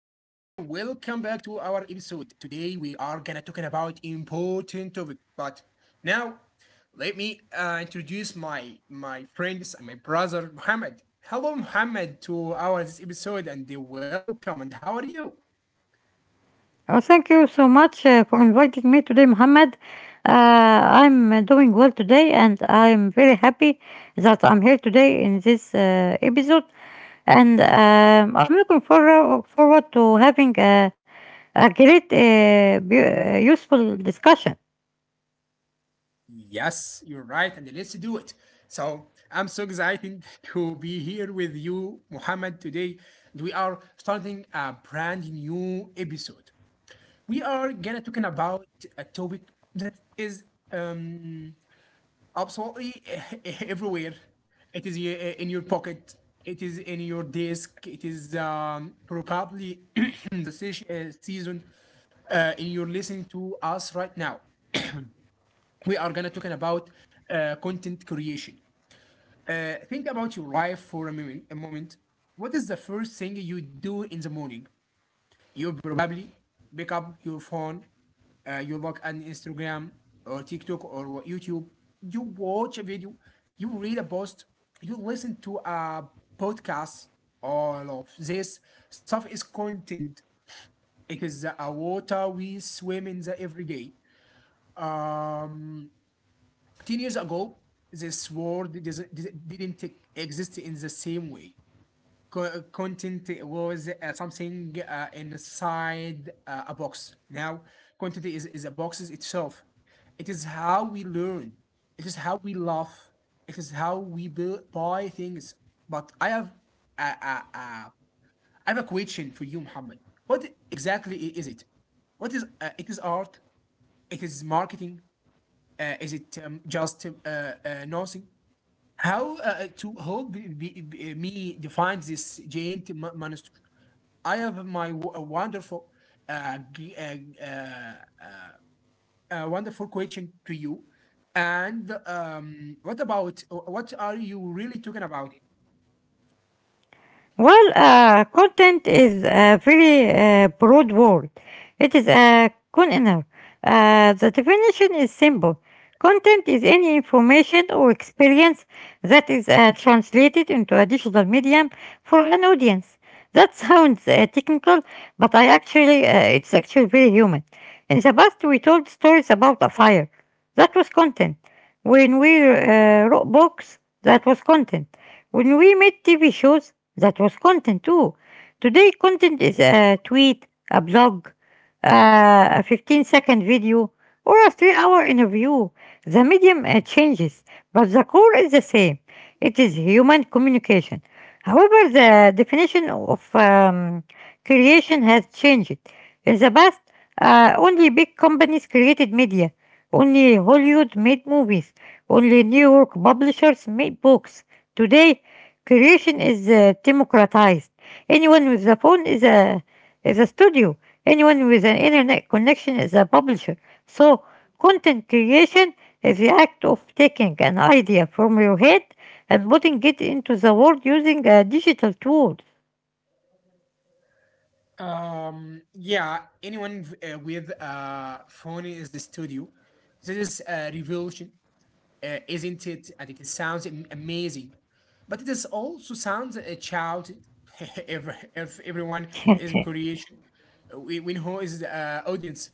back to our episode. Today we are gonna talking about important topic, but now let me introduce my friends and my brother Muhammad. Hello, Muhammad, to our this episode, and welcome. And how are you? Oh, thank you so much for inviting me today, Mohammed. Uh, I'm doing well today, and I'm very happy that I'm here today in this episode. And I'm looking forward to having a great, useful discussion. Yes, you're right, and let's do it. So I'm so excited to be here with you, Muhammad, today. And we are starting a brand new episode. We are gonna talking about a topic that is um absolutely everywhere. It is in your pocket. It is in your desk. It is probably the season in you're listening to us right now we are gonna talking about content creation. Think about your life for a moment. What is the first thing you do in the morning? You probably pick up your phone. You look at Instagram or TikTok or YouTube. You watch a video. You read a post. You listen to a podcast. All of this stuff is content. It is a water we swim in the every day. Um, 10 years ago, this word doesn't- didn't exist in the same way. Content was something inside a box. Now, content is a box itself. It is how we learn, it is how we love, it is how we build, buy things. But a, a, a, I have a question for you, Muhammad. What exactly is it? What is it is art? It is marketing? Is it just nothing? How to help me define this giant monster? I have my uh, g- uh, uh, uh, wonderful question to you. And what are you really talking about? Well, content is a very broad word. It is a container. The definition is simple. Content is any information or experience that is translated into a digital medium for an audience. That sounds technical, but I actually it's actually very human. In the past, we told stories about a fire. That was content. When we wrote books, that was content. When we made TV shows, that was content too. Today, content is a tweet, a blog, uh, a 15-second video, or a 3 hour interview. The medium changes, but the core is the same. It is human communication. However, the definition of creation has changed. In the past, only big companies created media. Only Hollywood made movies. Only New York publishers made books. Today, creation is democratized. Anyone with a phone is a studio. Anyone with an internet connection is a publisher. So content creation is the act of taking an idea from your head and putting it into the world using a digital tools. Yeah, anyone with phone is the studio. This is a revolution. Isn't it? And it sounds amazing, but it is also sounds shouted if, if everyone is creation. We know is the audience.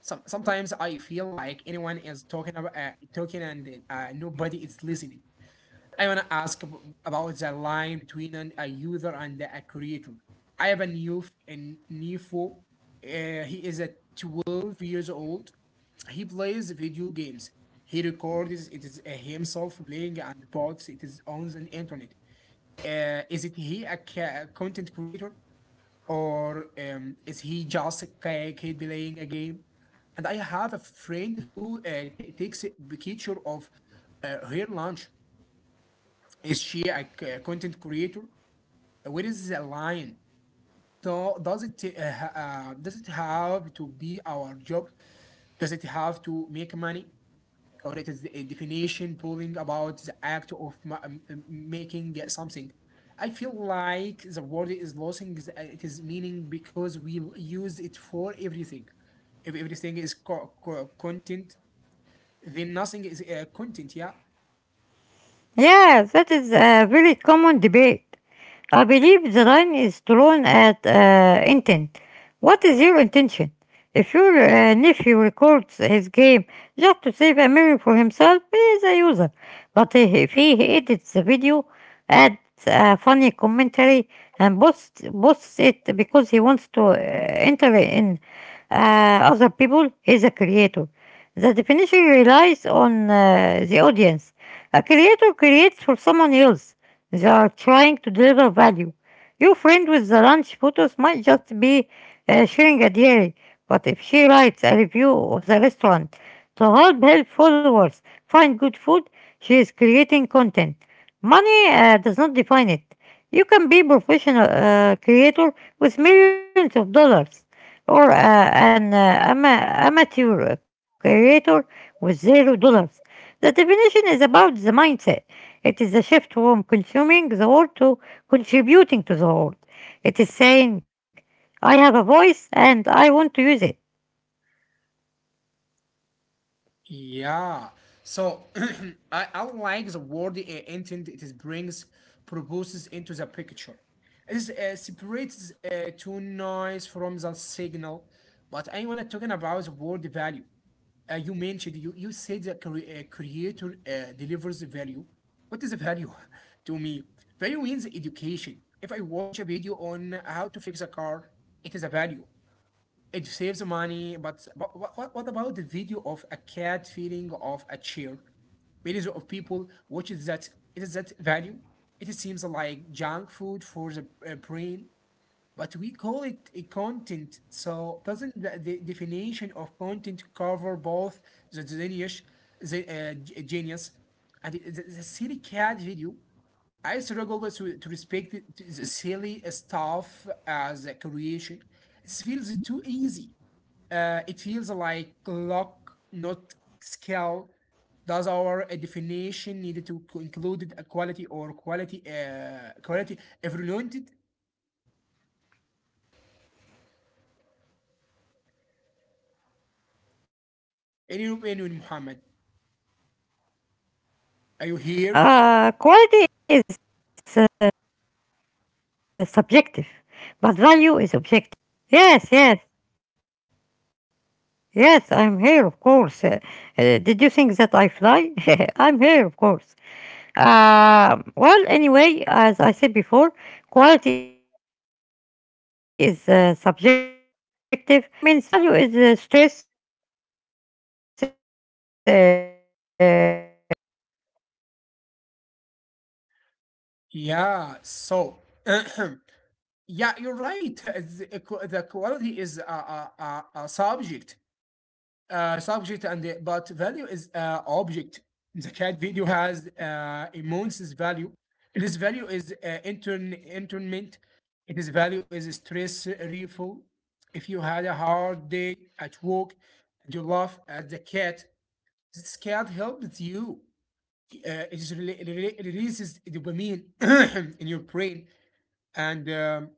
Sometimes I feel like anyone is talking about talking and nobody is listening. I wanna ask about the line between a user and a creator. I have a new and nephew. He is a 12 years old. He plays video games. He records it is himself playing and posts it is on the internet. Is it he a, ca- content creator or is he just a kid playing a game? And I have a friend who takes a picture of her lunch. Is she a content creator? Where is the line? Do, does it ha- does it have to be our job? Does it have to make money? Or it is a definition pulling about the act of making something. I feel like the word is losing its meaning because we use it for everything. If everything is content, then nothing is content. Yeah. Yes, that is a very common debate. I believe the line is drawn at intent. What is your intention? If your nephew records his game just to save a memory for himself, he is a user. But if he edits the video, adds a funny commentary, and posts it because he wants to enter in other people is a creator. The definition relies on the audience. A creator creates for someone else. They are trying to deliver value. Your friend with the lunch photos might just be sharing a diary, but if she writes a review of the restaurant to help followers find good food, she is creating content. Money does not define it. You can be a professional creator with millions of dollars or an amateur creator with $0. The definition is about the mindset. It is the shift from consuming the world to contributing to the world. It is saying, I have a voice and I want to use it. Yeah. So I like the word intent it is brings proposes into the picture. It separates to noise from the signal. But I wanna talking about the word value. You mentioned you said the creator delivers the value. What is the value to me? Value means education. If I watch a video on how to fix a car, it is a value. It saves money, but what about the video of a cat feeding off a chair? Millions of people watch it. That. It is that value. It seems like junk food for the brain, but we call it a content. So doesn't the definition of content cover both the genius, genius, and the silly cat video? I struggle to respect it, the silly stuff as a creation. It feels too easy. It feels like clock, not scale. Does our definition need to include a quality or quality evaluated? Quality is subjective, Anyone, anyone, but Muhammad? value is objective. The cat video Are has. you here? Yes, yes, yes, I'm here, of course. Did you think that I fly? I'm here, of course. Well, anyway, as I said before, quality is subjective, but value is objective. The cat video has immense value. Its value is entertainment. Its value is stress relief. And if you had a hard Yeah. So, yeah, you're right. The quality is a subject. Subject and but value is object. The cat video has immense value. This value is internment. Its value is stress relief. If you had a hard day at work, you laugh at the cat. This cat helps you. It is rela- rela- it releases dopamine in your brain and um,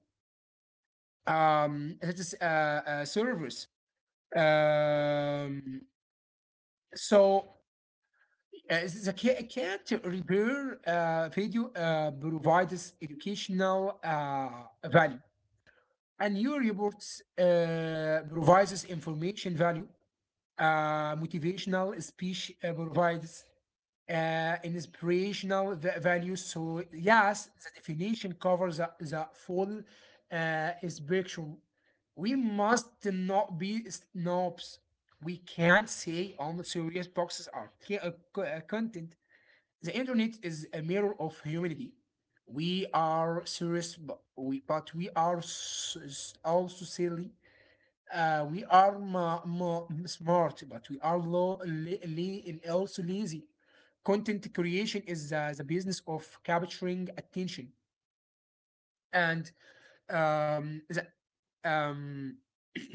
um, that is a servers. Um, so the cat repair video provides educational value, and your reports provides information value. Motivational speech provides inspirational value. So yes, the definition covers the full spectrum. We must not be snobs. We can't say all the serious boxes are content. The internet is a mirror of humanity. We are serious, but we are also silly. We are smart, but we are and also lazy. Content creation is the business of capturing attention, and um, the, um,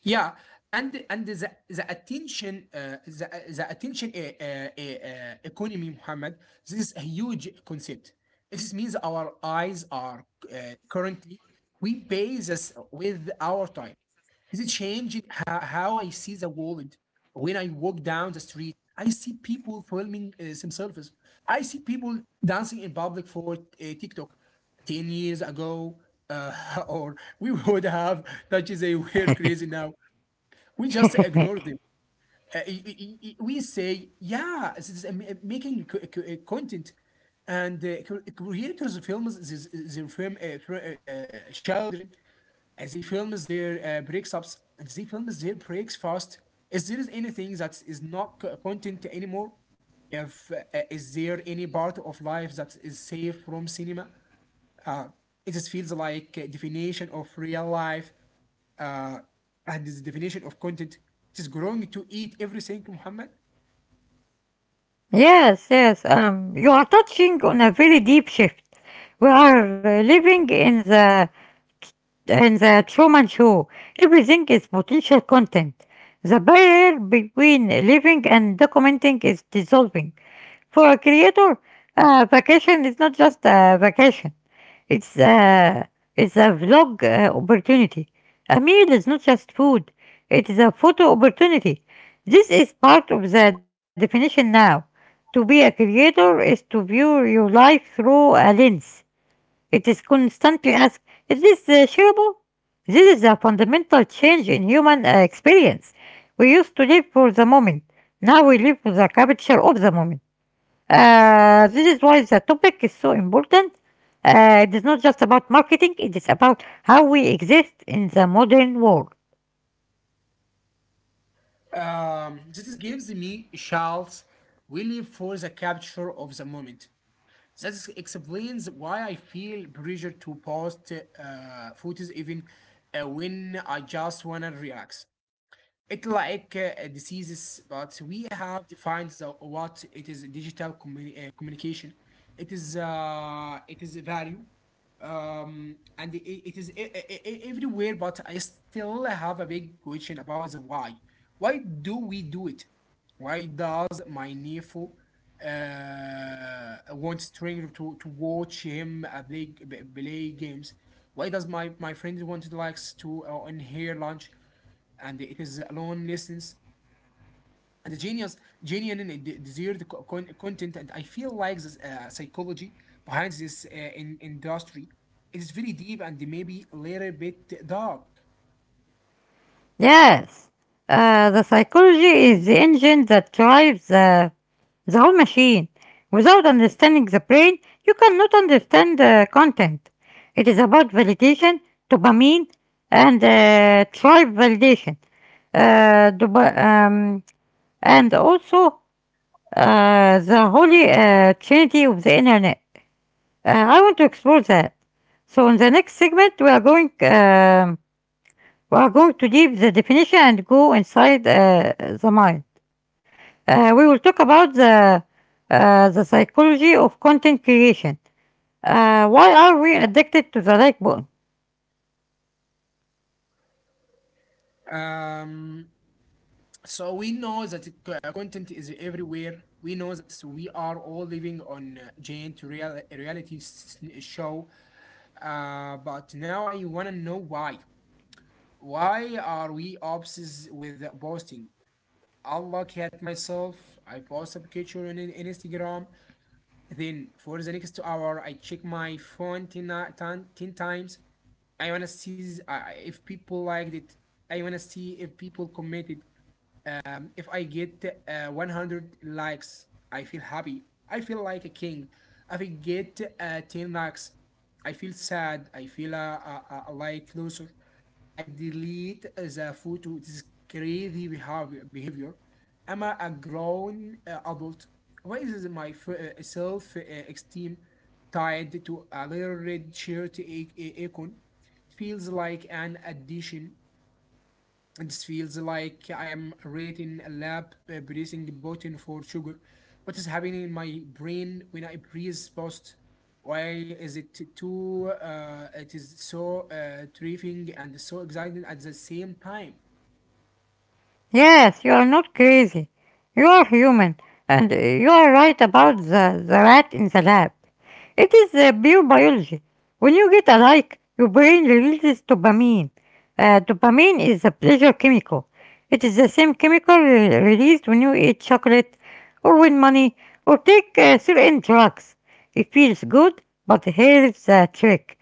yeah, and the attention, the attention, economy, Muhammad. This is a huge concept. This means our eyes are currently we pay this with our time. Is it changed how I see the world. When I walk down the street I see people filming themselves. I see people dancing in public for TikTok 10 years ago. Or we would have that is a weird crazy now. We just ignore them. We say, yeah, this is making content and creators of films this, their film children and they film their breaks ups and they film their breaks fast. Is there is anything that is not content anymore? If Is there any part of life that is safe from cinema? Uh, it just feels like a definition of real life uh, and this definition of content it is growing to eat everything, Muhammad. Yes, yes. You are touching on a very deep shift. We are living in the Truman Show. Everything is potential content. The barrier between living and documenting is dissolving. For a creator, a vacation is not just a vacation. It's a, it's a vlog opportunity. A meal is not just food. It is a photo opportunity. This is part of the definition now. To be a creator is to view your life through a lens. It is constantly asked, is this shareable? This is a fundamental change in human experience. We used to live for the moment. Now we live for the capture of the moment. This is why the topic is so important. It is not just about marketing, it about how we exist in the modern world. So this gives me chills really for the capture of the moment that explains why I feel pressure to post photos even when I just wanna relax. It like diseases, but we have defined what it is digital communication. It is a value, and it is everywhere. But I still have a big question about the why. Why do we do it? Why does my nephew want stranger to watch him play games? Why does my friend want likes to on her lunch? And it is alone listens and the genius genuine and desired content and I feel like this psychology behind this industry is very deep and maybe a little bit dark. Yes, the psychology is the engine that drives the whole machine. Without understanding the brain, you cannot understand the content. It is about validation, dopamine, and tribe validation. Uh, dopa- um, and also the holy trinity of the internet. I want to explore that. So in the next segment, we are going to deep the definition and go inside the mind. We will talk about the psychology of content creation. Why are we addicted to the like button? um, so we know that content is everywhere. We know that we are all living on giant reality show. But now I wanna know why. Why are we obsessed with posting? I look at myself. I post a picture on Instagram. Then for the next hour, I check my phone 10, ni- 10 ten times. I wanna see if people liked it. I wanna see if people commented. If I get 100 likes, I feel happy. I feel like a king. If I get 10 likes, I feel sad. I feel like loser. I delete the photo. This is crazy behavior. I'm grown adult. Why is my self esteem tied to a little red shirt icon? It feels like an addition, it feels like I am reading a lab breathing button for sugar. What is happening in my brain when I breathe post? Why is it too? It is so thrilling and so exciting at the same time. Yes, you are not crazy. You are human, and you are right about the rat in the lab. It is pure biology. When you get a like, your brain releases dopamine. Dopamine is a pleasure chemical. It is the same chemical released when you eat chocolate, or win money, or take certain drugs. It feels good, but here's the trick.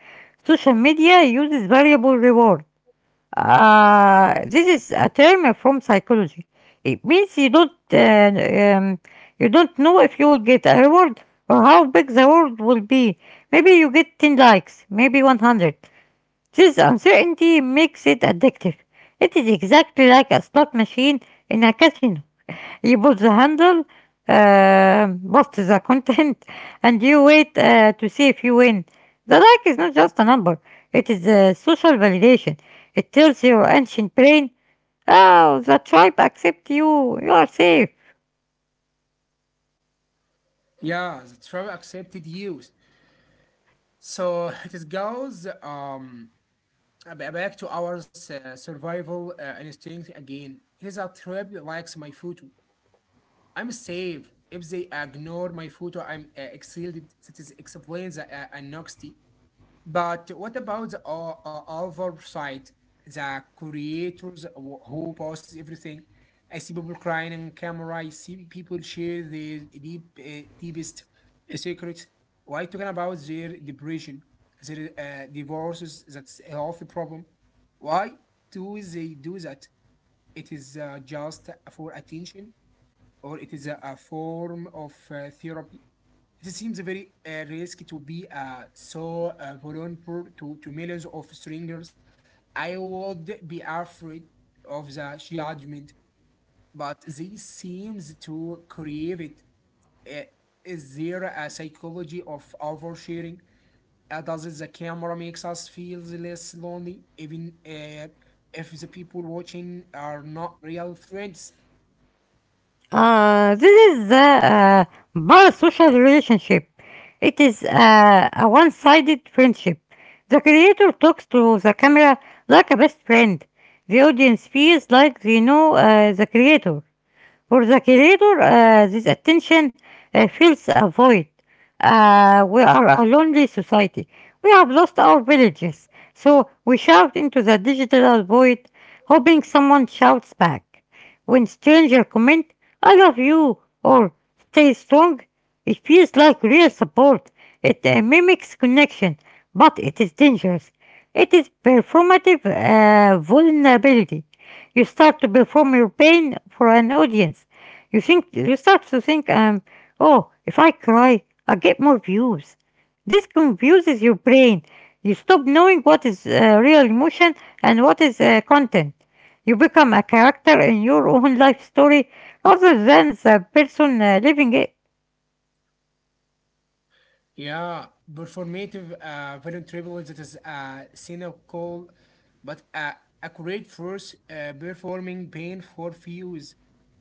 Social media uses variable reward. This is a term from psychology. It means um, you don't know if you will get a reward or how big the reward will be. Maybe you get 10 likes, maybe 100. This uncertainty makes it addictive. It is exactly like a slot machine in a casino. You pull the handle, post the content, and you wait to see if you win. The like is not just a number, it is a social validation. It tells your ancient brain, oh, the tribe accepts you, you are safe. Yeah, the travel accepted use. So it is goes back to our survival instinct again. It is a trip likes my photo. I'm safe if they ignore my photo. I'm exiled. That is explains the anonymity. But what about the other side? The creators who posts everything. I see people crying on camera. I see people share their deepest secrets. Why talking about their depression, their divorces? That's a healthy problem. Why do they do that? It is just for attention or it is a form of therapy. It seems very risky to be so vulnerable to millions of strangers. I would be afraid of the judgment, but they seems to crave it. Uh, Is there a psychology of oversharing? Does the camera makes us feel less lonely, even if the people watching are not real friends? This is the parasocial relationship. It is a one-sided friendship. The creator talks to the camera like a best friend. The audience feels like they know the creator. For the creator, this attention fills a void. We are a lonely society. We have lost our villages. So we shout into the digital void, hoping someone shouts back. When stranger comment, I love you, or stay strong, it feels like real support. It mimics connection, but it is dangerous. It is performative vulnerability. You start to perform your pain for an audience. You start to think, oh, if I cry, I get more views. This confuses your brain. You stop knowing what is real emotion and what is content. You become a character in your own life story rather than the person living it. Yeah, performative violent tribalism, that is a cynical but accurate force performing pain for views.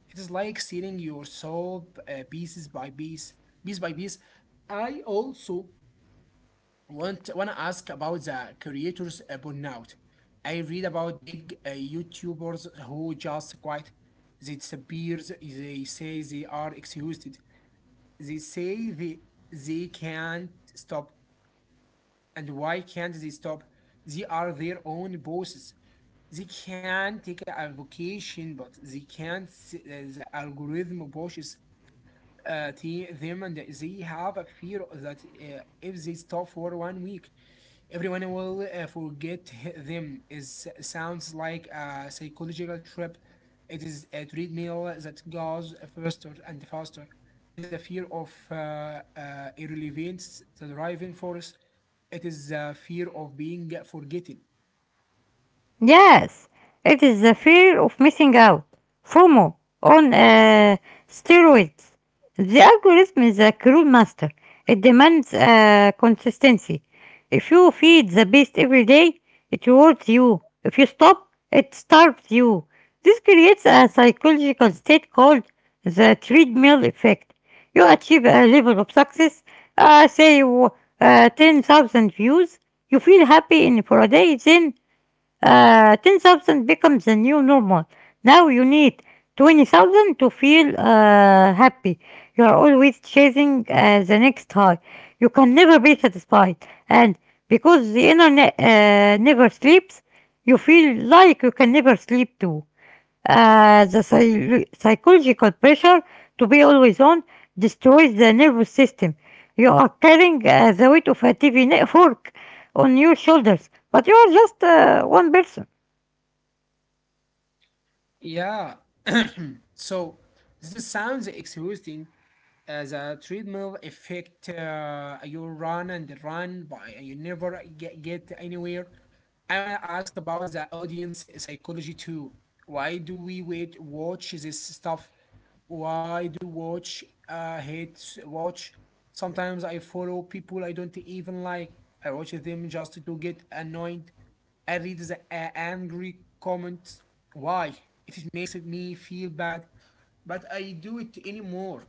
It is like seeing your soul pieces by piece, piece by piece. I also want to ask about the creators burnout. I read about big YouTubers who just quit. They disappear. They say they are exhausted. They say they can't stop. And why can't they stop? They are their own bosses. They can take a vacation, but they can't. The algorithm pushes uh, them, and they have a fear that if they stop for 1 week, everyone will forget them. Is sounds like a psychological trip. It is a treadmill that goes faster and faster. It is a fear of irrelevance, the driving force. It is a fear of being forgotten. Yes, it is the fear of missing out, FOMO, on steroids. The algorithm is a cruel master. It demands consistency. If you feed the beast every day, it rewards you. If you stop, it starves you. This creates a psychological state called the treadmill effect. You achieve a level of success, say 10,000 views, you feel happy in for a day, then 10,000 becomes the new normal. Now you need 20,000 to feel happy. You are always chasing the next high. You can never be satisfied. And because the internet never sleeps, you feel like you can never sleep too. The psychological pressure to be always on destroys the nervous system. You are carrying the weight of a TV network on your shoulders, but you are just one person. Yeah. So this sounds exhausting as a treadmill effect. You run and run, but you never get anywhere. I want to ask about the audience psychology too. Why do we watch this stuff? Why do hate watch? Sometimes I follow people I don't even like. I watch them just to get annoyed. I read the angry comment. Why? It makes me feel bad, but I do it anymore.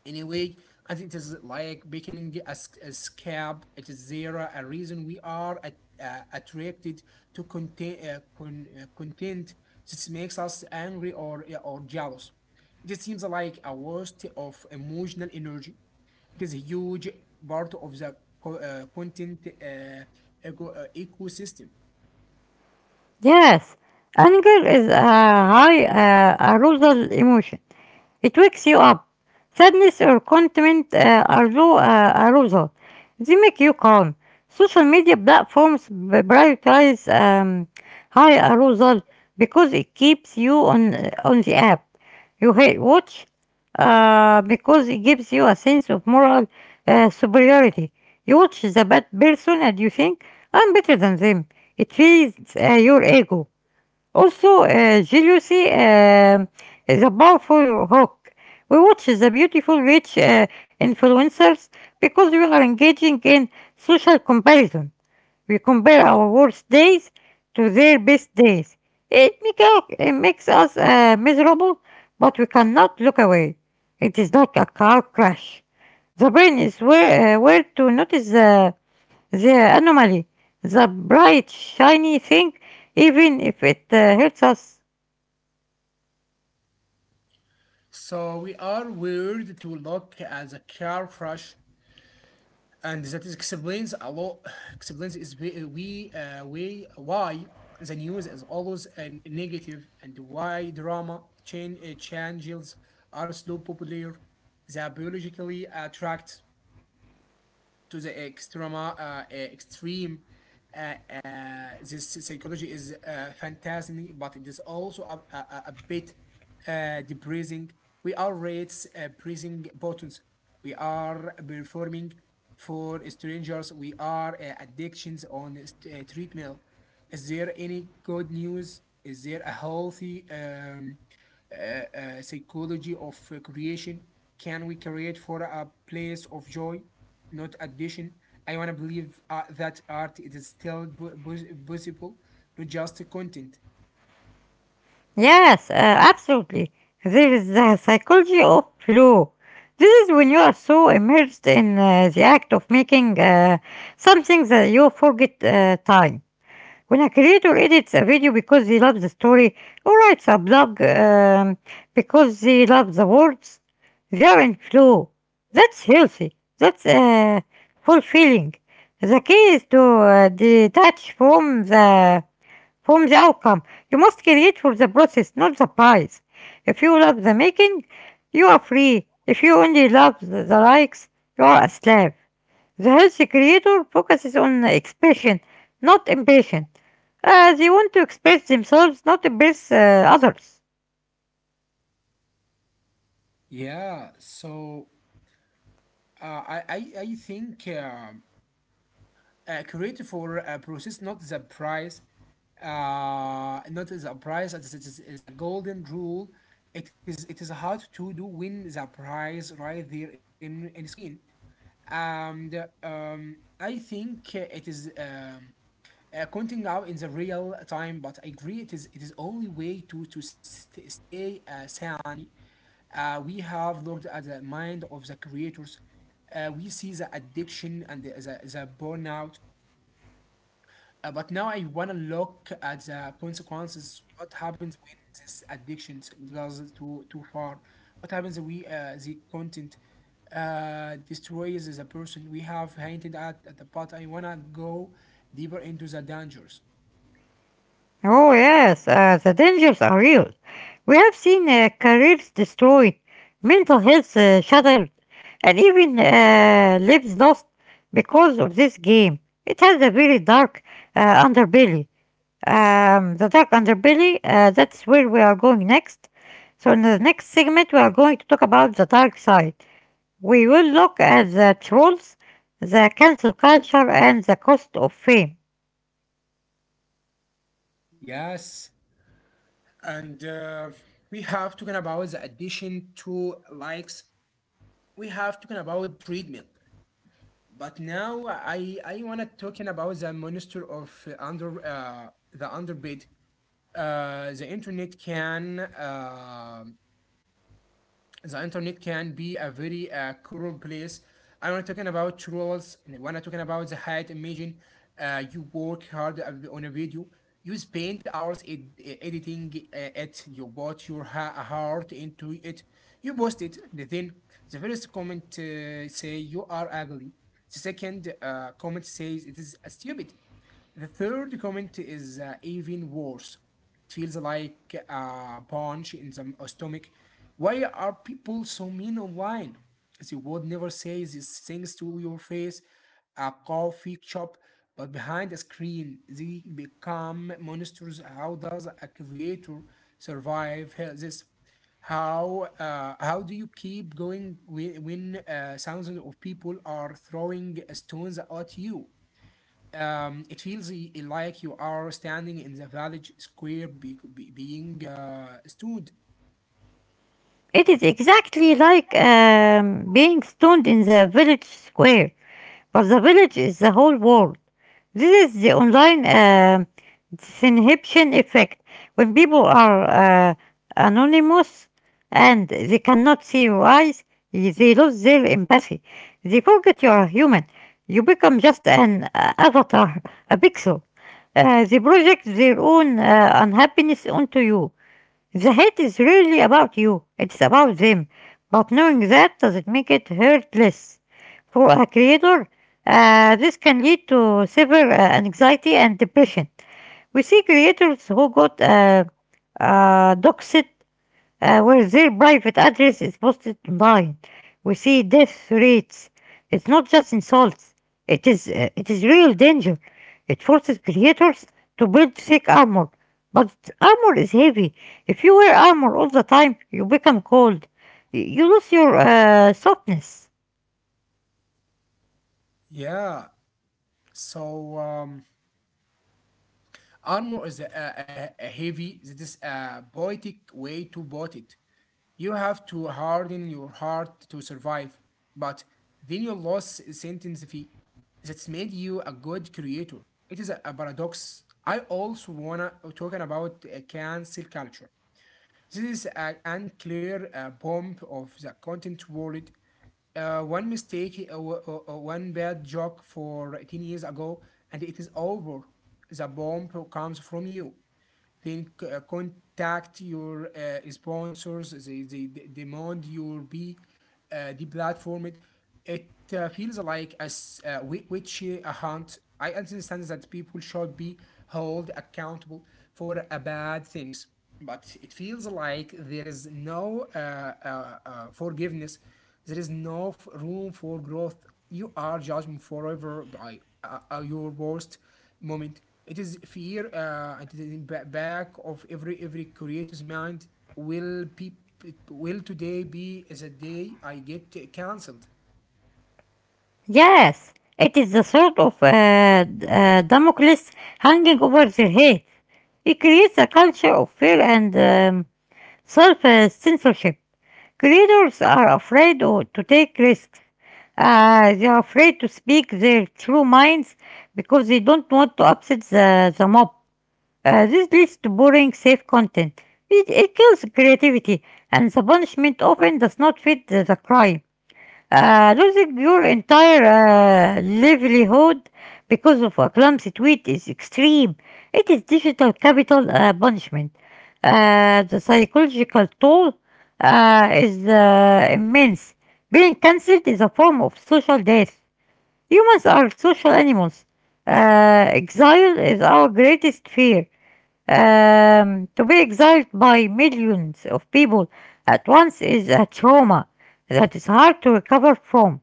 Anyway, I think it is like becoming a scab. It is there a reason we are attracted to content that makes us angry or jealous? It seems like a waste of emotional energy. It is a huge part of the content ecosystem. Yes, anger is a high arousal emotion. It wakes you up. Sadness or contentment are low arousal. They make you calm. Social media platforms prioritize high arousal because it keeps you on the app. You hate watch because it gives you a sense of moral superiority. You watch the bad person and you think I'm better than them. It feeds your ego. Also, jealousy is a powerful hook. We watch the beautiful, rich influencers because we are engaging in social comparison. We compare our worst days to their best days. It makes us miserable, but we cannot look away. It is like a car crash. The brain is where, where to notice the anomaly, the bright, shiny thing, even if it hurts us. So we are weird to look at the car crash, and that is explains a lot. Explains is we why the news is always an negative, and why drama chain changes are so popular. They biologically attract to the extreme. Uh, uh, this psychology is fantastic, but it is also a bit depressing. We are rates pressing buttons. We are performing for strangers. We are addictions on treadmill. Is there any good news? Is there a healthy psychology of creation? Can we create for a place of joy, not addition? I want to believe that art it is still possible, not just content. Yes, absolutely. There is the psychology of flow. This is when you are so immersed in the act of making something that you forget time. When a creator edits a video because they love the story or writes a blog because they love the words, they are in flow. That's healthy. That's fulfilling. The key is to detach from the outcome. You must create for the process, not the prize. If you love the making, you are free. If you only love the likes, you are a slave. The healthy creator focuses on expression, not impatient. They want to express themselves, not impress others. Yeah, so uh, I, I I think creative for a process, not the price, not the price. It is a golden rule. It is hard to do win the prize right there in screen. And I think it is. Counting out in the real time, but I agree it is only way to stay sane. We have looked at the mind of the creators. We see the addiction and the burnout. But now I want to look at the consequences. What happens when this addiction goes too far? What happens when we the content destroys the person? We have hinted at the, but I wanna go deeper into the dangers. Oh yes, the dangers are real. We have seen careers destroyed, mental health shattered, and even lives lost because of this game. It has a very dark underbelly. That's where we are going next. So in the next segment, we are going to talk about the dark side. We will look at the trolls, the cancel culture, and the cost of fame. Yes, and we have talking about the addition to likes. We have talking about treatment, but now I wanna talking about the monster of under the underbid. Uh, the internet can uh, the internet can be a very cruel place. I'm not talking about trolls. And When I'm talking about the height, imagine you work hard on a video. You spend hours editing it. You put your heart into it. You post it. Then the first comment say you are ugly. The second comment says it is stupid. The third comment is even worse. It feels like a punch in the stomach. Why are people so mean online? They would never say these things to your face, a coffee shop, but behind a screen, they become monsters. How does a creator survive this? How do you keep going when thousands of people are throwing stones at you? It feels like you are standing in the village square, being stood. It is exactly like being stoned in the village square. But the village is the whole world. This is the online disinhibition effect. When people are anonymous and they cannot see your eyes, they lose their empathy. They forget you are human. You become just an avatar, a pixel. They project their own unhappiness onto you. The hate is really about you, it's about them. But knowing that doesn't make it hurtless. For a creator, this can lead to severe anxiety and depression. We see creators who got doxed where their private address is posted online. We see death rates. It's not just insults. It is real danger. It forces creators to build thick armor, but armor is heavy. If you wear armor all the time, you become cold. You lose your softness. Yeah. So armor is a heavy. That is a poetic way to put it. You have to harden your heart to survive. But then you lost sentence fee that's made you a good creator. It is a paradox. I also wanna talking about cancel culture. This is an unclear bomb of the content world. One mistake, one bad joke for 10 years ago, and it is over. The bomb comes from you, then contact your sponsors. They demand your be deplatformed. It feels like a witch hunt. I understand that people should be held accountable for bad things, but it feels like there is no forgiveness. There is no room for growth. You are judged forever by your worst moment. It is fear, and it is in back of every creator's mind. Will peop will today be as a day I get cancelled? Yes, it is the sort of Damocles hanging over their head. It creates a culture of fear and self-censorship. Creators are afraid to take risks. They are afraid to speak their true minds because they don't want to upset the mob. This leads to boring, safe content. It kills creativity, and the punishment often does not fit the crime. Uh, losing your entire livelihood because of a clumsy tweet is extreme. It is digital capital punishment. The psychological toll is immense. Being cancelled is a form of social death. Humans are social animals. Exile is our greatest fear. To be exiled by millions of people at once is a trauma that is hard to recover from.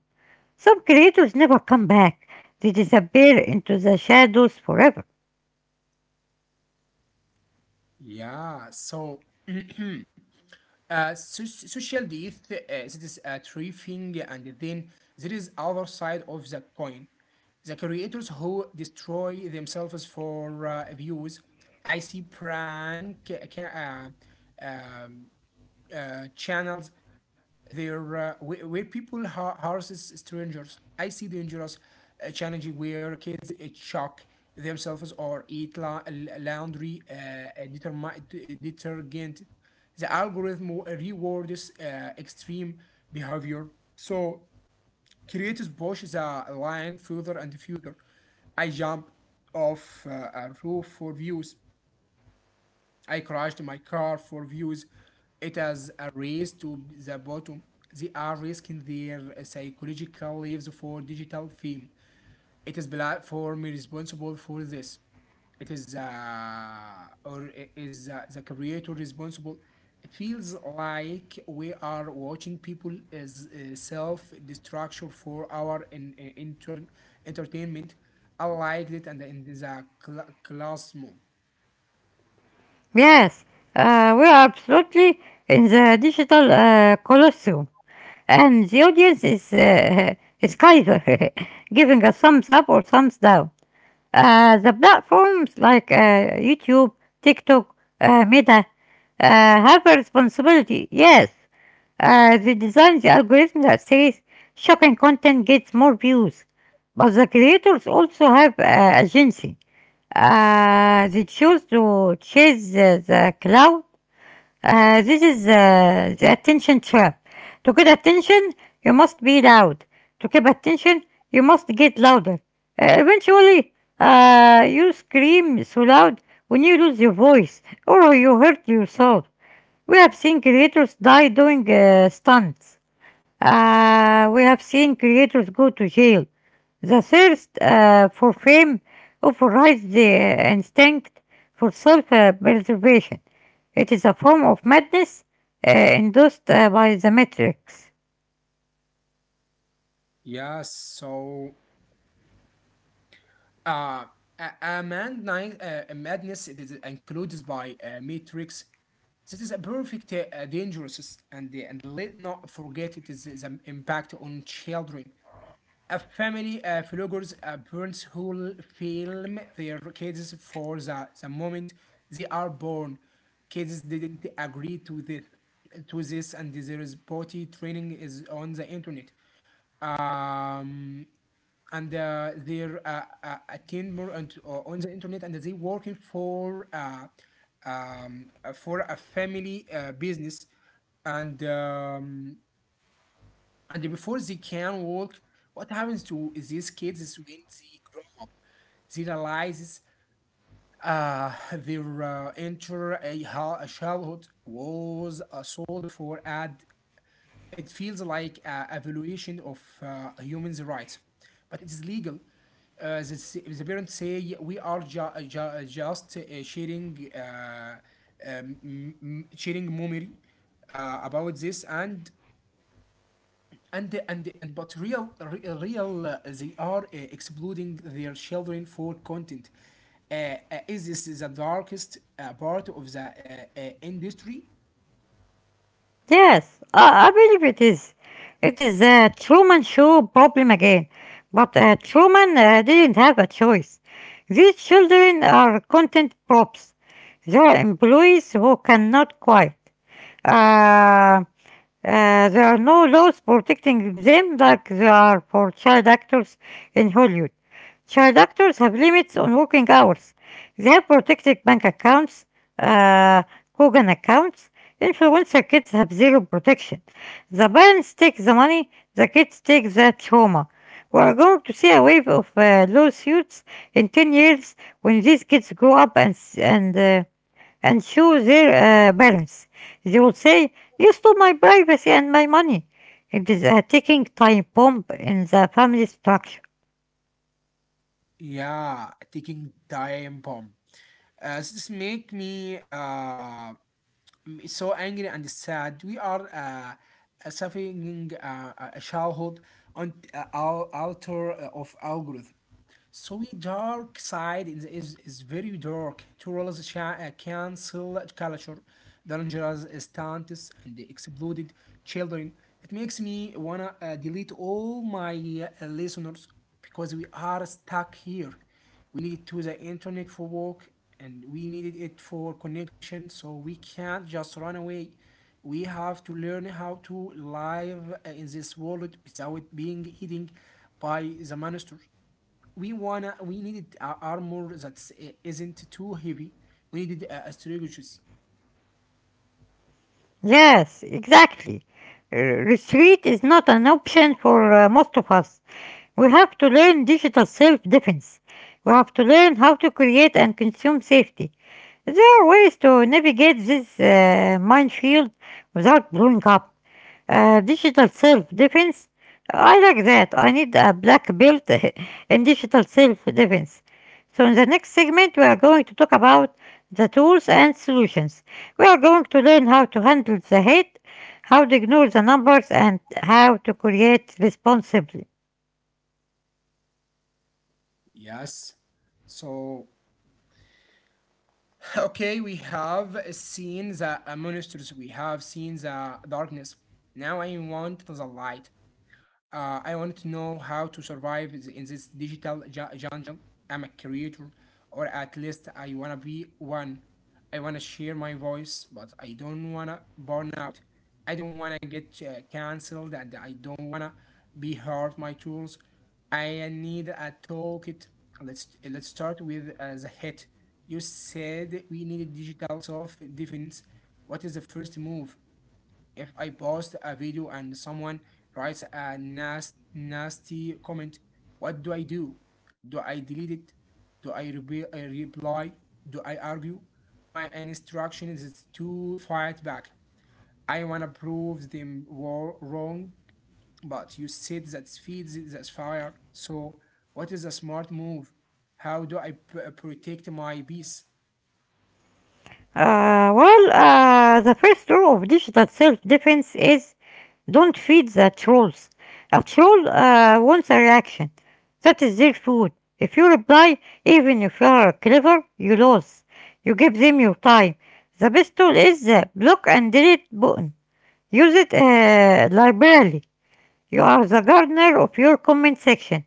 Some creators never come back, they disappear into the shadows forever. Yeah. So. Social death, that is a three thing. And then there is other side of the coin: the creators who destroy themselves for views. I see prank uh, channels there, where people harasses strangers. I see dangerous challenging where kids shock themselves or eat laundry detergent. The algorithm rewards extreme behavior, so creators push the line further and further. I jump off a roof for views. I crashed my car for views. It is a race to the bottom. They are risking their psychological lives for digital fame. It is platform responsible for this? It is or is the creator responsible? It feels like we are watching people as self destruction for our entertainment. I liked it and in the classroom. Yes, we are absolutely in the digital colosseum, and the audience is, is Kaiser, giving a thumbs up or thumbs down. The platforms like YouTube, TikTok, Meta have a responsibility, yes. They design the algorithm that says shocking content gets more views. But the creators also have agency. They choose to chase the cloud. Uh, this is the attention trap. To get attention, you must be loud. To keep attention, you must get louder. Eventually, you scream so loud when you lose your voice or you hurt yourself. We have seen creators die doing stunts. We have seen creators go to jail. The thirst for fame overrides the instinct for self preservation. It is a form of madness induced by the Matrix. Yes, so Uh, a madness it is included by Matrix. This is a perfect dangerous, and let not forget it is the impact on children. A family figures parents who film their kids for the moment they are born. Kids didn't agree to this, and there is potty training is on the internet. Um and They're attend more on the internet, and they working for a family business. And um, and before they can work, what happens to these kids is when they grow up they realizes their a childhood was sold for ad. It feels like a violation of humans' rights, but it is legal. The parents say, "Yeah, we are just sharing, sharing memory about this, and but real real, they are excluding their children for content." Uh, is this the darkest part of the industry? Yes, I believe it is. It is the Truman Show problem again. But Truman didn't have a choice. These children are content props. They are employees who cannot quit. Uh, uh, there are no laws protecting them like there are for child actors in Hollywood. Child actors have limits on working hours. They have protected bank accounts, uh, Kogan accounts. Influencer kids have zero protection. The parents take the money, the kids take the trauma. We are going to see a wave of lawsuits in 10 years when these kids grow up and, uh, and show their parents. They will say, "You stole my privacy and my money." It is a ticking time bomb in the family structure. Yeah, taking time bomb. This make me so angry and sad. We are suffering a childhood on altar of algorithm. So the dark side is very dark. Tourist cancel culture, dangerous stunts, and the exploded children. It makes me wanna delete all my listeners, because we are stuck here. We need to the internet for work, and we needed it for connection. So we can't just run away. We have to learn how to live in this world without being eaten by the monster. We needed a armor that isn't too heavy. We needed astrologies. Yes, exactly. Retreat is not an option for most of us. We have to learn digital self defense. We have to learn how to create and consume safety. There are ways to navigate this minefield without blowing up. Digital self defense, I like that. I need a black belt in digital self defense. So, in the next segment, we are going to talk about the tools and solutions. We are going to learn how to handle the head, how to ignore the numbers, and how to create responsibly. Yes. So okay, we have seen the monsters. We have seen the darkness. Now I want the light. I wanted to know how to survive in this digital jungle. I'm a creator, or at least I wanna be one. I wanna share my voice, but I don't wanna burn out. I don't wanna get canceled, and I don't wanna be hurt. My tools. I need a toolkit. Let's start with the hit. You said we need digital self defense. What is the first move? If I post a video and someone writes a nasty comment, what do I do? Do I delete it? I reply? Do I argue? My instruction is to fight back. I want to prove them wrong, but you said that feeds that fire. So, what is a smart move? How do I protect my peace? The first rule of digital self defense is don't feed the trolls. A troll wants a reaction. That is their food. If you reply, even if you are clever, you lose. You give them your time. The best tool is the block and delete button. Use it liberally. You are the gardener of your comment section.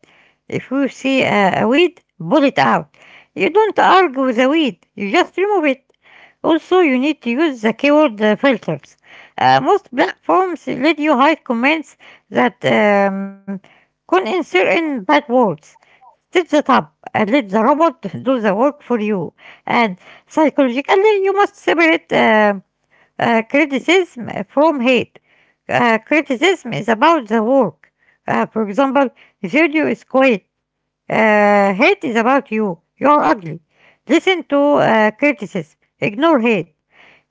If you see a weed, pull it out. You don't argue with the weed, you just remove it. Also, you need to use the keyword filters. Most platforms let you hide comments that can certain bad words. Set that up and let the robot do the work for you. And psychologically, you must separate criticism from hate. Criticism is about the work. For example, the video is quiet. Hate is about you. You're ugly. Listen to criticism. Ignore hate.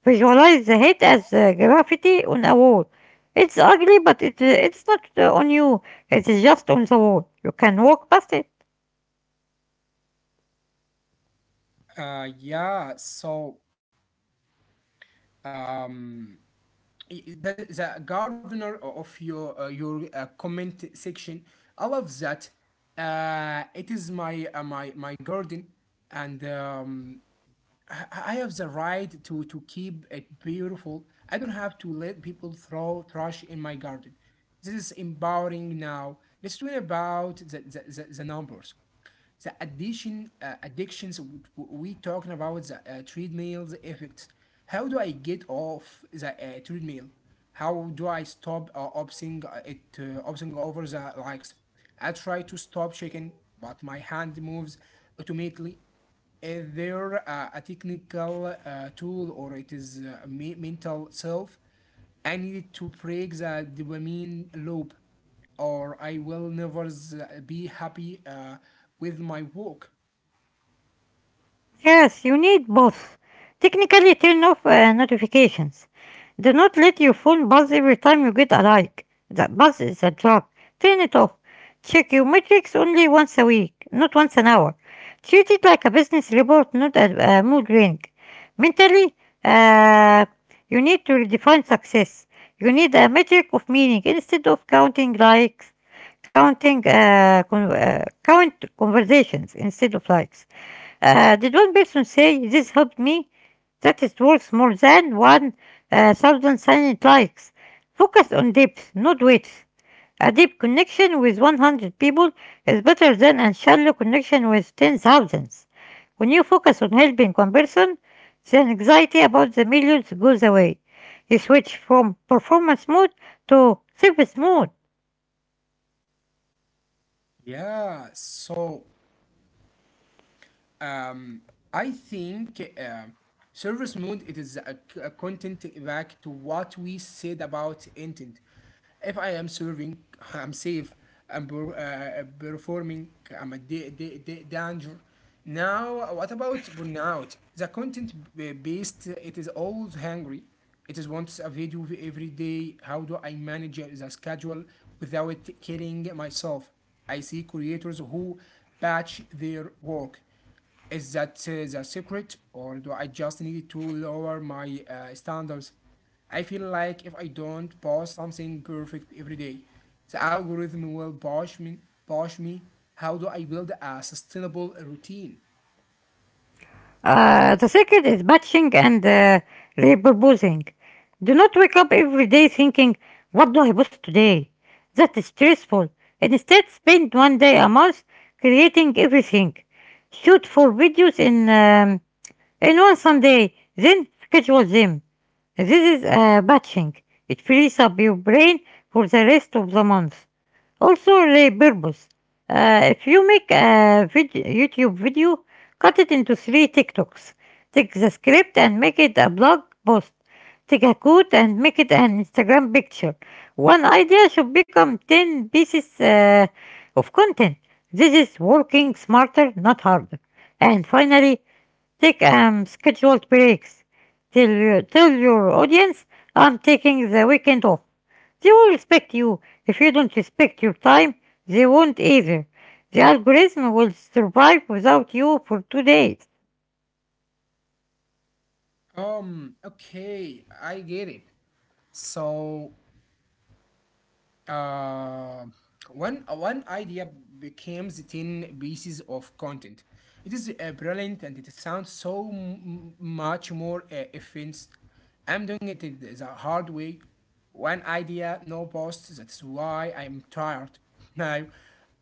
Visualize the hate as graffiti on a wall. It's ugly, but it's not on you. It's just on the wall. You can walk past it. Yeah, um, that is the gardener of your comment section. I love that. It is my my garden, and I have the right to keep it beautiful. I don't have to let people throw trash in my garden. This is empowering now. Let's talk about the numbers, the addition addictions we talking about the treadmills effect. How do I get off the treadmill? How do I stop obsing over the likes? I try to stop shaking, but my hand moves automatically. Is there a technical tool, or it is mental self? I needed to break the dopamine loop, or I will never be happy with my work. Yes, you need both. Technically, turn off notifications. Do not let your phone buzz every time you get a like. That buzz is a trap. Turn it off. Check your metrics only once a week, not once an hour. Treat it like a business report, not a mood ring. Mentally, uh, you need to redefine success. You need a metric of meaning. Instead of counting likes, counting count conversations instead of likes. Did one person say this helped me? That is worth more than one thousand silent likes. Focus on depth, not width. A deep connection with 100 people is better than a shallow connection with 10,000. When you focus on helping one person, the anxiety about the millions goes away. You switch from performance mode to service mode. Yeah, um, I think service mode, it is a content back to what we said about intent. If I am serving, I'm safe. I'm performing. I'm a danger. Now, what about burnout? The content based, it is always hungry. It is wants a video every day. How do I manage the schedule without killing myself? I see creators who batch their work. Is that the secret, or do I just need to lower my standards? I feel like if I don't post something perfect every day, the algorithm will push me. Push me. How do I build a sustainable routine? The second is batching and repurposing. Do not wake up every day thinking, what do I post today? That is stressful. Instead, spend 1 day a month creating everything. Shoot for videos in one Sunday, then schedule them. This is batching. It frees up your brain for the rest of the month. Also, repurpose. If you make a YouTube video, cut it into three TikToks. Take the script and make it a blog post. Take a quote and make it an Instagram picture. One idea should become 10 pieces of content. This is working smarter, not harder. And finally, take scheduled breaks. Tell your audience I'm taking the weekend off. They will respect you. If you don't respect your time, they won't either. The algorithm will survive without you for 2 days. Okay, I get it. So uh, one idea became the 10 pieces of content. It is brilliant, and it sounds so much more offense. I'm doing it the hard way. One idea, no posts. That's why I'm tired. Now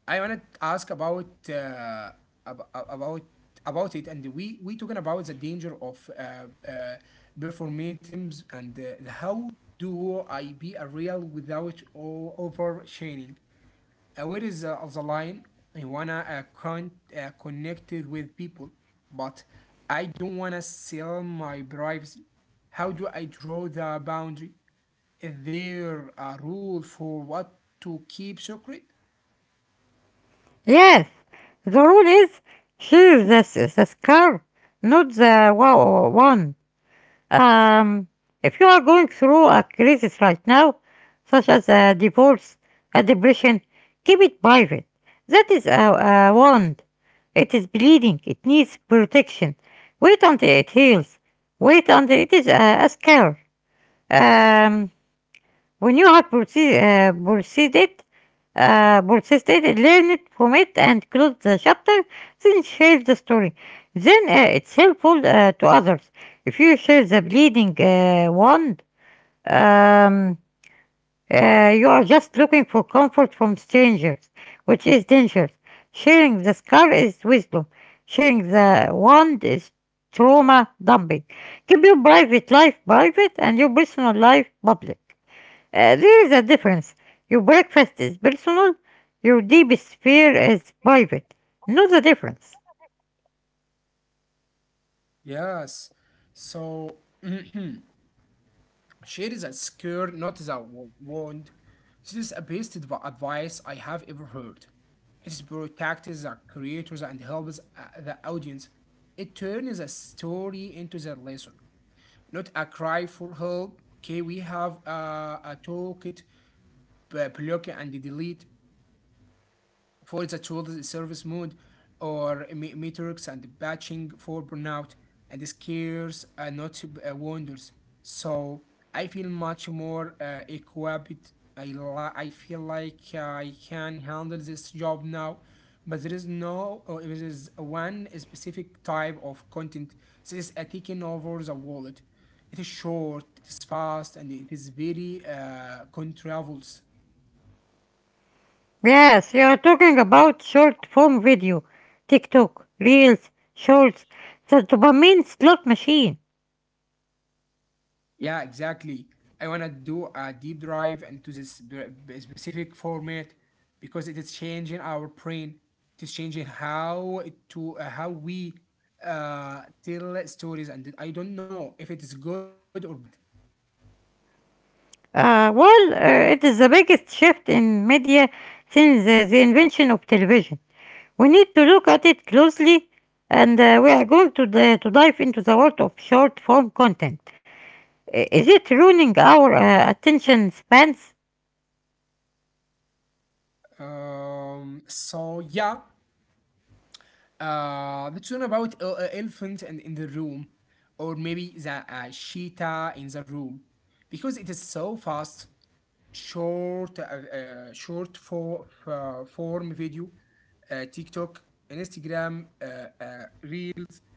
I want to ask about ab- ab- about about it, and we talking about the danger of performatives and the how duo IP real without oversharing. Where is the line? I wanna connect it with people, but I don't wanna sell my privacy. How do I draw the boundary? Is there a rule for what to keep secret? Yes, the rule is choose the scar, not the wow one. Um, if you are going through a crisis right now, such as a divorce, a depression, keep it private. That is a wound. It is bleeding. It needs protection. Wait until it heals. Wait until it is a scar. Um, when you have proceeded, persisted, learned from it and closed the chapter, then share the story. Then it's helpful to others. If you share the bleeding wand, um, you are just looking for comfort from strangers, which is dangerous. Sharing the scar is wisdom. Sharing the wound is trauma dumping. Keep your private life private and your personal life public. There is a difference. Your breakfast is personal, your deepest fear is private. Know the difference. Yes. So share is a scare, not the wound. This is the best advice I have ever heard. It protects the creators and helps the audience. It turns a story into the lesson, not a cry for help. Okay, we have a toolkit, block and delete for the tool's service mode, or metrics and batching for burnout, and scares are not wonders. So I feel much more equipped. I feel like I can handle this job now, but there is no, there is one specific type of content that is taking over the wallet. It is short, it is fast, and it is very controversial. Yes, you are talking about short form video, TikTok, Reels, Shorts, the dopamine slot machine. Yeah, exactly. I want to do a deep dive into this specific format because it is changing our brain. It is changing how it- to how we tell stories, and I don't know if it is good or bad. It is the biggest shift in media since the invention of television. We need to look at it closely, and we are going to dive into the world of short form content. Is it ruining our attention spans? Um, so yeah, let's learn about el- elephant and in the room, or maybe the cheetah in the room, because it is so fast. Short, form video, TikTok, Instagram, Reels,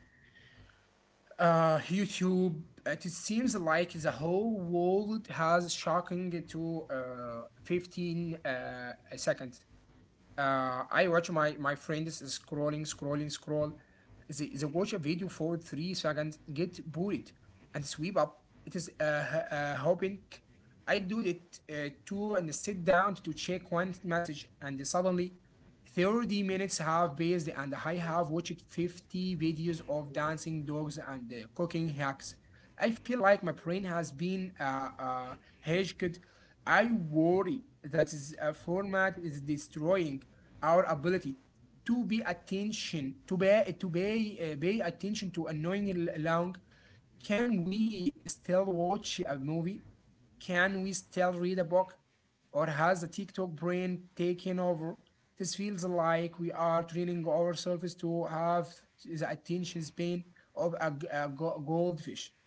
YouTube. It seems like the whole world has shocking to 15 seconds. Uh, I watch my friends scrolling, scrolling, scroll. They watch a video for 3 seconds, get bored, and sweep up. It is hoping. I do it too and sit down to check one message, and suddenly, 30 minutes have passed, and I have watched 50 videos of dancing dogs and cooking hacks. I feel like my brain has been hacked. I worry that is a format is destroying our ability to pay attention to annoying long. Can we still watch a movie? Can we still read a book? Or has the TikTok brain taken over? This feels like we are training ourselves to have the attention span of a goldfish.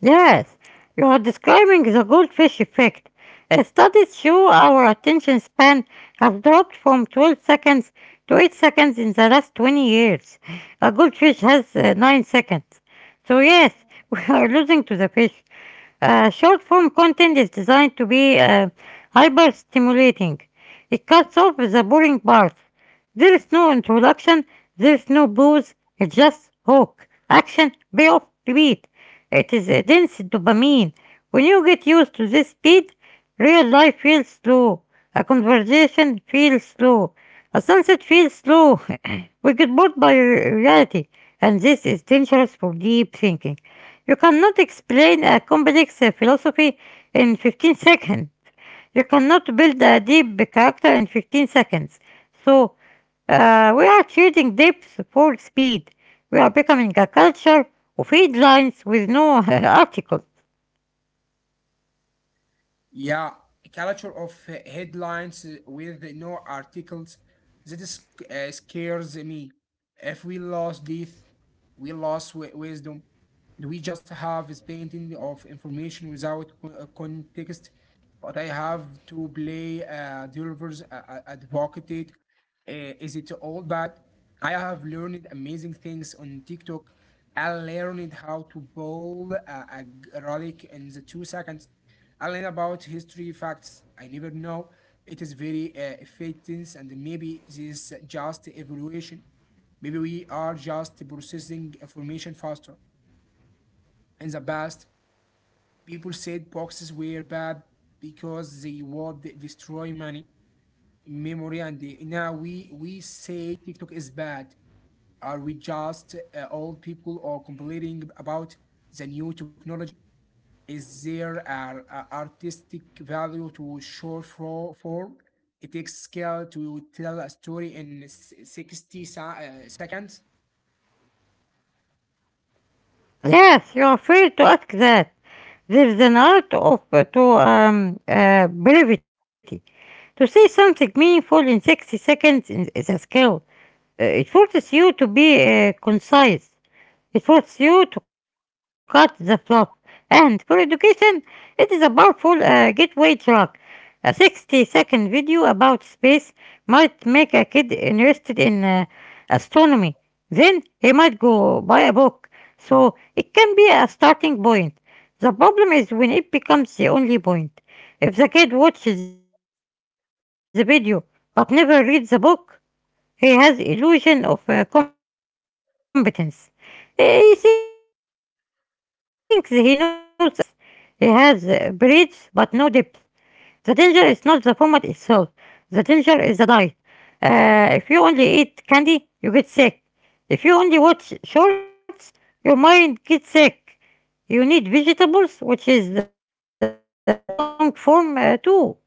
Yes, you are describing the goldfish effect. Studies show our attention span have dropped from 12 seconds to 8 seconds in the last 20 years. A goldfish has 9 seconds. So, yes, we are losing to the fish. Short form content is designed to be hyper stimulating. It cuts off the boring parts. There is no introduction, there is no pause, it's just hook, action, payoff, repeat. It is a dense dopamine. When you get used to this speed, real life feels slow, a conversation feels slow, a sunset feels slow. We get bored by reality, and this is dangerous for deep thinking. You cannot explain a complex philosophy in 15 seconds. You cannot build a deep character in 15 seconds. So, we are trading depth for speed. We are becoming a culture of headlines with no articles. Yeah, a culture of headlines with no articles, that is, scares me. If we lost this, we lost wisdom. We just have this painting of information without context. But I have to play devil's advocate. Is it all bad? I have learned amazing things on TikTok. I learned how to bowl a garlic in the 2 seconds. I learn about history facts I never know. It is very effective, and maybe this is just evolution. Maybe we are just processing information faster. In the past, people said boxes were bad because they would destroy money, memory, and now we say TikTok is bad. Are we just old people or complaining about the new technology? Is there an artistic value to short form? It takes skill to tell a story in 60 seconds. Yes, you are free to ask that. There is an art of to brevity. To say something meaningful in 60 seconds is a skill. It forces you to be concise. It forces you to cut the fluff. And for education, it is a powerful gateway drug. A 60-second video about space might make a kid interested in astronomy. Then he might go buy a book. So it can be a starting point. The problem is when it becomes the only point. If the kid watches the video but never reads the book, he has illusion of competence. He thinks he knows astronomy, but he only knows three fun facts. He has breadth but no depth. The danger is not the format itself. The danger is the diet. If you only eat candy, you get sick. If you only watch shorts, your mind gets sick. You need vegetables, which is the long form too.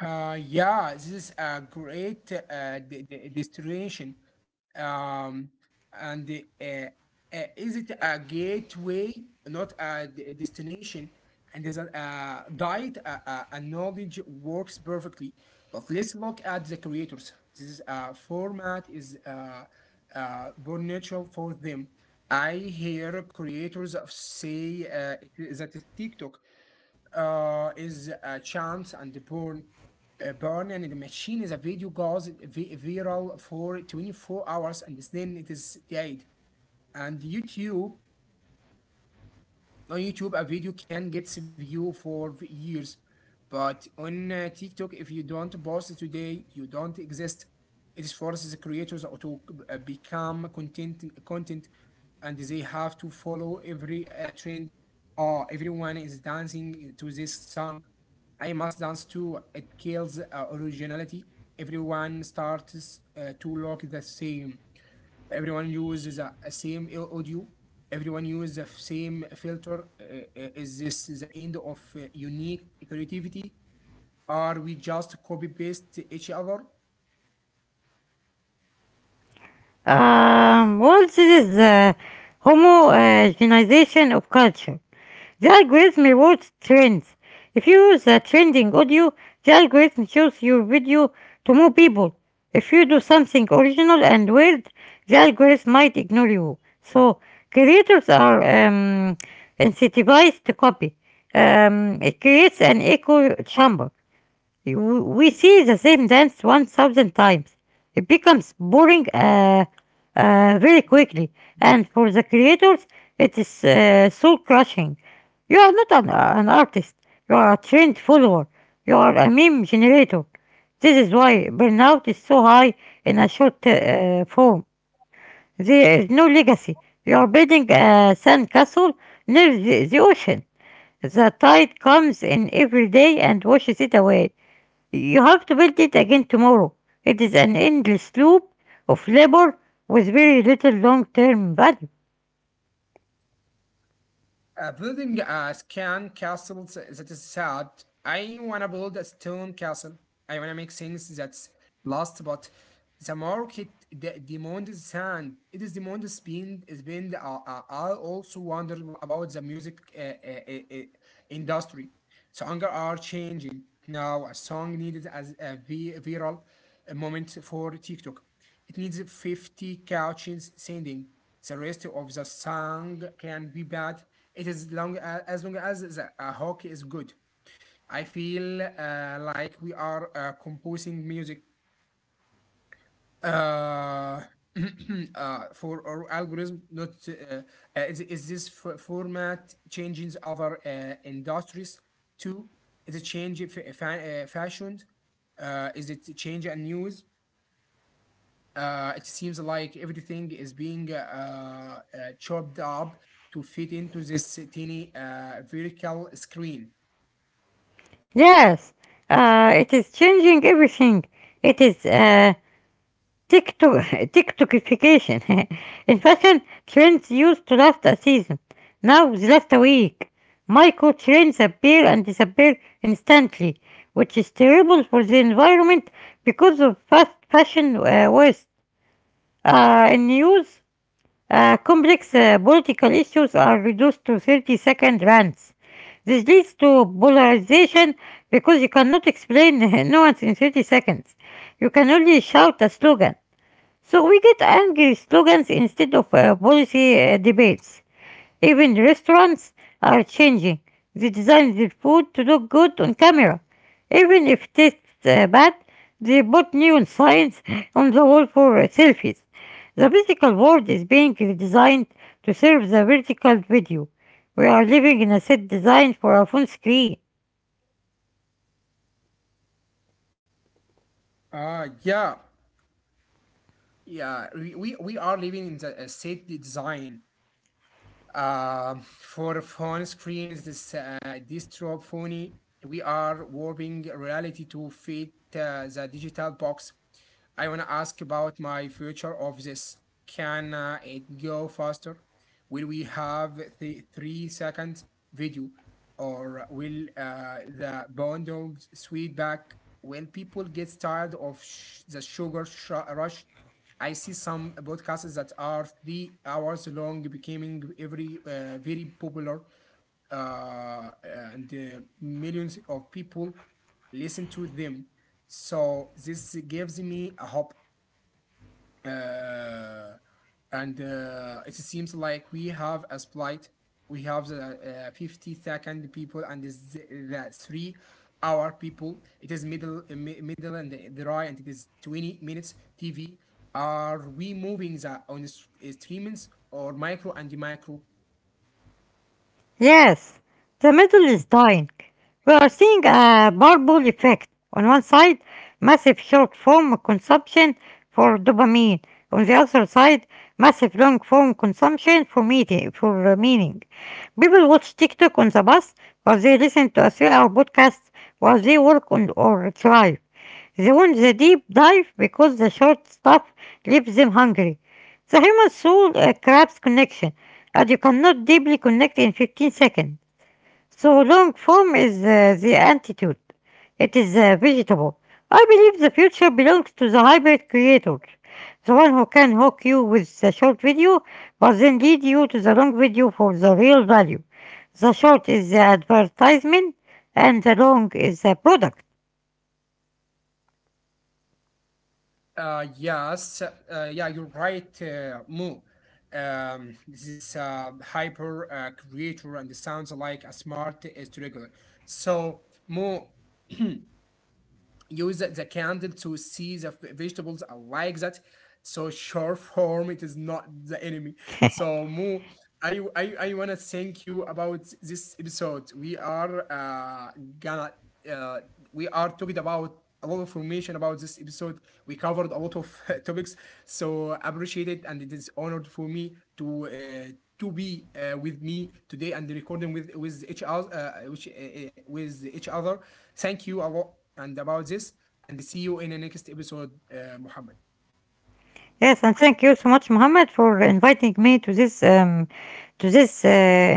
Yeah, this is a great destination. Um, and the, is it a gateway, not a destination? And there's a guide, a knowledge works perfectly. But let's look at the creators. This is, format is born natural for them. I hear creators of say it is that is TikTok is a chance and the born burn and the machine is a video goes viral for 24 hours, and then it is dead. And youtube on YouTube, a video can get view for years, but on TikTok, if you don't post today, you don't exist. It forces the creators to become content, and they have to follow every trend. Oh, everyone is dancing to this song. I must dance too. It kills originality. Everyone starts to look the same, everyone uses a same audio, everyone uses the same filter. Is this the end of unique creativity? Are we just copy paste each other? Well, this is the homogenization of culture. The algorithm rewards trends. If you use a trending audio, the algorithm shows your video to more people. If you do something original and weird, the algorithm might ignore you. So, creators are incentivized to copy. It creates an echo chamber. We same dance 1,000 times. It becomes boring very quickly, and for the creators, it is soul crushing. You are not an artist, you are a trained follower, you are a meme generator. This is why burnout is so high in a short form. There is no legacy. Building a sandcastle near the ocean. The tide comes in every day and washes it away. You have to build it again tomorrow. It is an endless loop of labor with very little long term value. Building a scan castle, that is sad. I wanna build a stone castle. I wanna make things that last, but the market demands sound. It is demands spend. Spend. I also wonder about the music industry. Songs are changing now. A song needed as a viral moment for TikTok. It needs 50 couches sending. The rest of the song can be bad. It is long as long as the hook is good. I feel like we are composing music uh, for our algorithm, not is this format changing other industries too? Is it change fashion? Is it change and news? It seems like everything is being chopped up to fit into this tiny vertical screen. Yes, it is changing everything. It is TikTok, TikTokification. In fashion, trends used to last a season. Now they last a week. Micro trends appear and disappear instantly, which is terrible for the environment because of fast fashion waste. In news, complex political issues are reduced to 30 second rants. This leads to polarization because you cannot explain nuance in 30 seconds. You can only shout a slogan. So we get angry slogans instead of policy debates. Even restaurants are changing. They design their food to look good on camera. Even if it tastes bad, they put neon signs on the wall for selfies. The physical world is being redesigned to serve the vertical video. We are living in a set designed for a phone screen. Uh, yeah, we are living in the state design for phone screens, this dystro phony. We are warping reality to fit the digital box. I want to ask about my future of this. Can it go faster? Will we have the 3 seconds video, or will the bundles sweep back? Will people get tired of the sugar rush? I see some podcasts that are 3 hours long, becoming every very popular, uh, uh, and millions of people listen to them. So this gives me a hope, uh, and it seems like we have a split. We have the 50-second people, and is the 3 hour people. It is middle, middle and the right, and it is 20 minutes TV. Are we moving the on the streamings or micro and the micro? Yes, the middle is dying. We are seeing a bubble effect. On one side, massive short form consumption for dopamine. On the other side, massive long form consumption for meeting, for meaning. People watch TikTok on the bus, or they listen to a 3-hour podcast while they work on or drive. They want the deep dive because the short stuff leaves them hungry. The human soul craps connection, and you cannot deeply connect in 15 seconds. So long form is the antidote. It is vegetable. I believe the future belongs to the hybrid creator, the one who can hook you with the short video, but then lead you to the long video for the real value. The short is the advertisement, and the long is the product. Yes, yeah, you're right, Mo. This is hyper creator, and it sounds like a smart is regular. So, Mo, use the candle to see the vegetables. I like that. So short form, it is not the enemy. So Mo, I wanna thank you about this episode. We are gonna uh we are talking about a lot of information about this episode. We covered a lot of topics, so appreciate it, and it is honored for me to be with me today and recording with each other, with each other. Thank you a lot and about this, and see you in the next episode, Muhammad. Yes, and thank you so much, Mohammed, for inviting me to this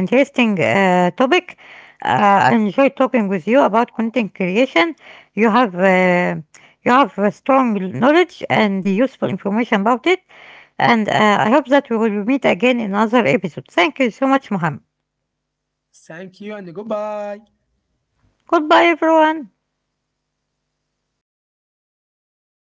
interesting topic. I enjoy talking with you about content creation. You have uh, you have a strong knowledge and useful information about it, and I hope that we will meet again in another episode. Thank you so much, Mohammed. Thank you and goodbye. Goodbye, everyone.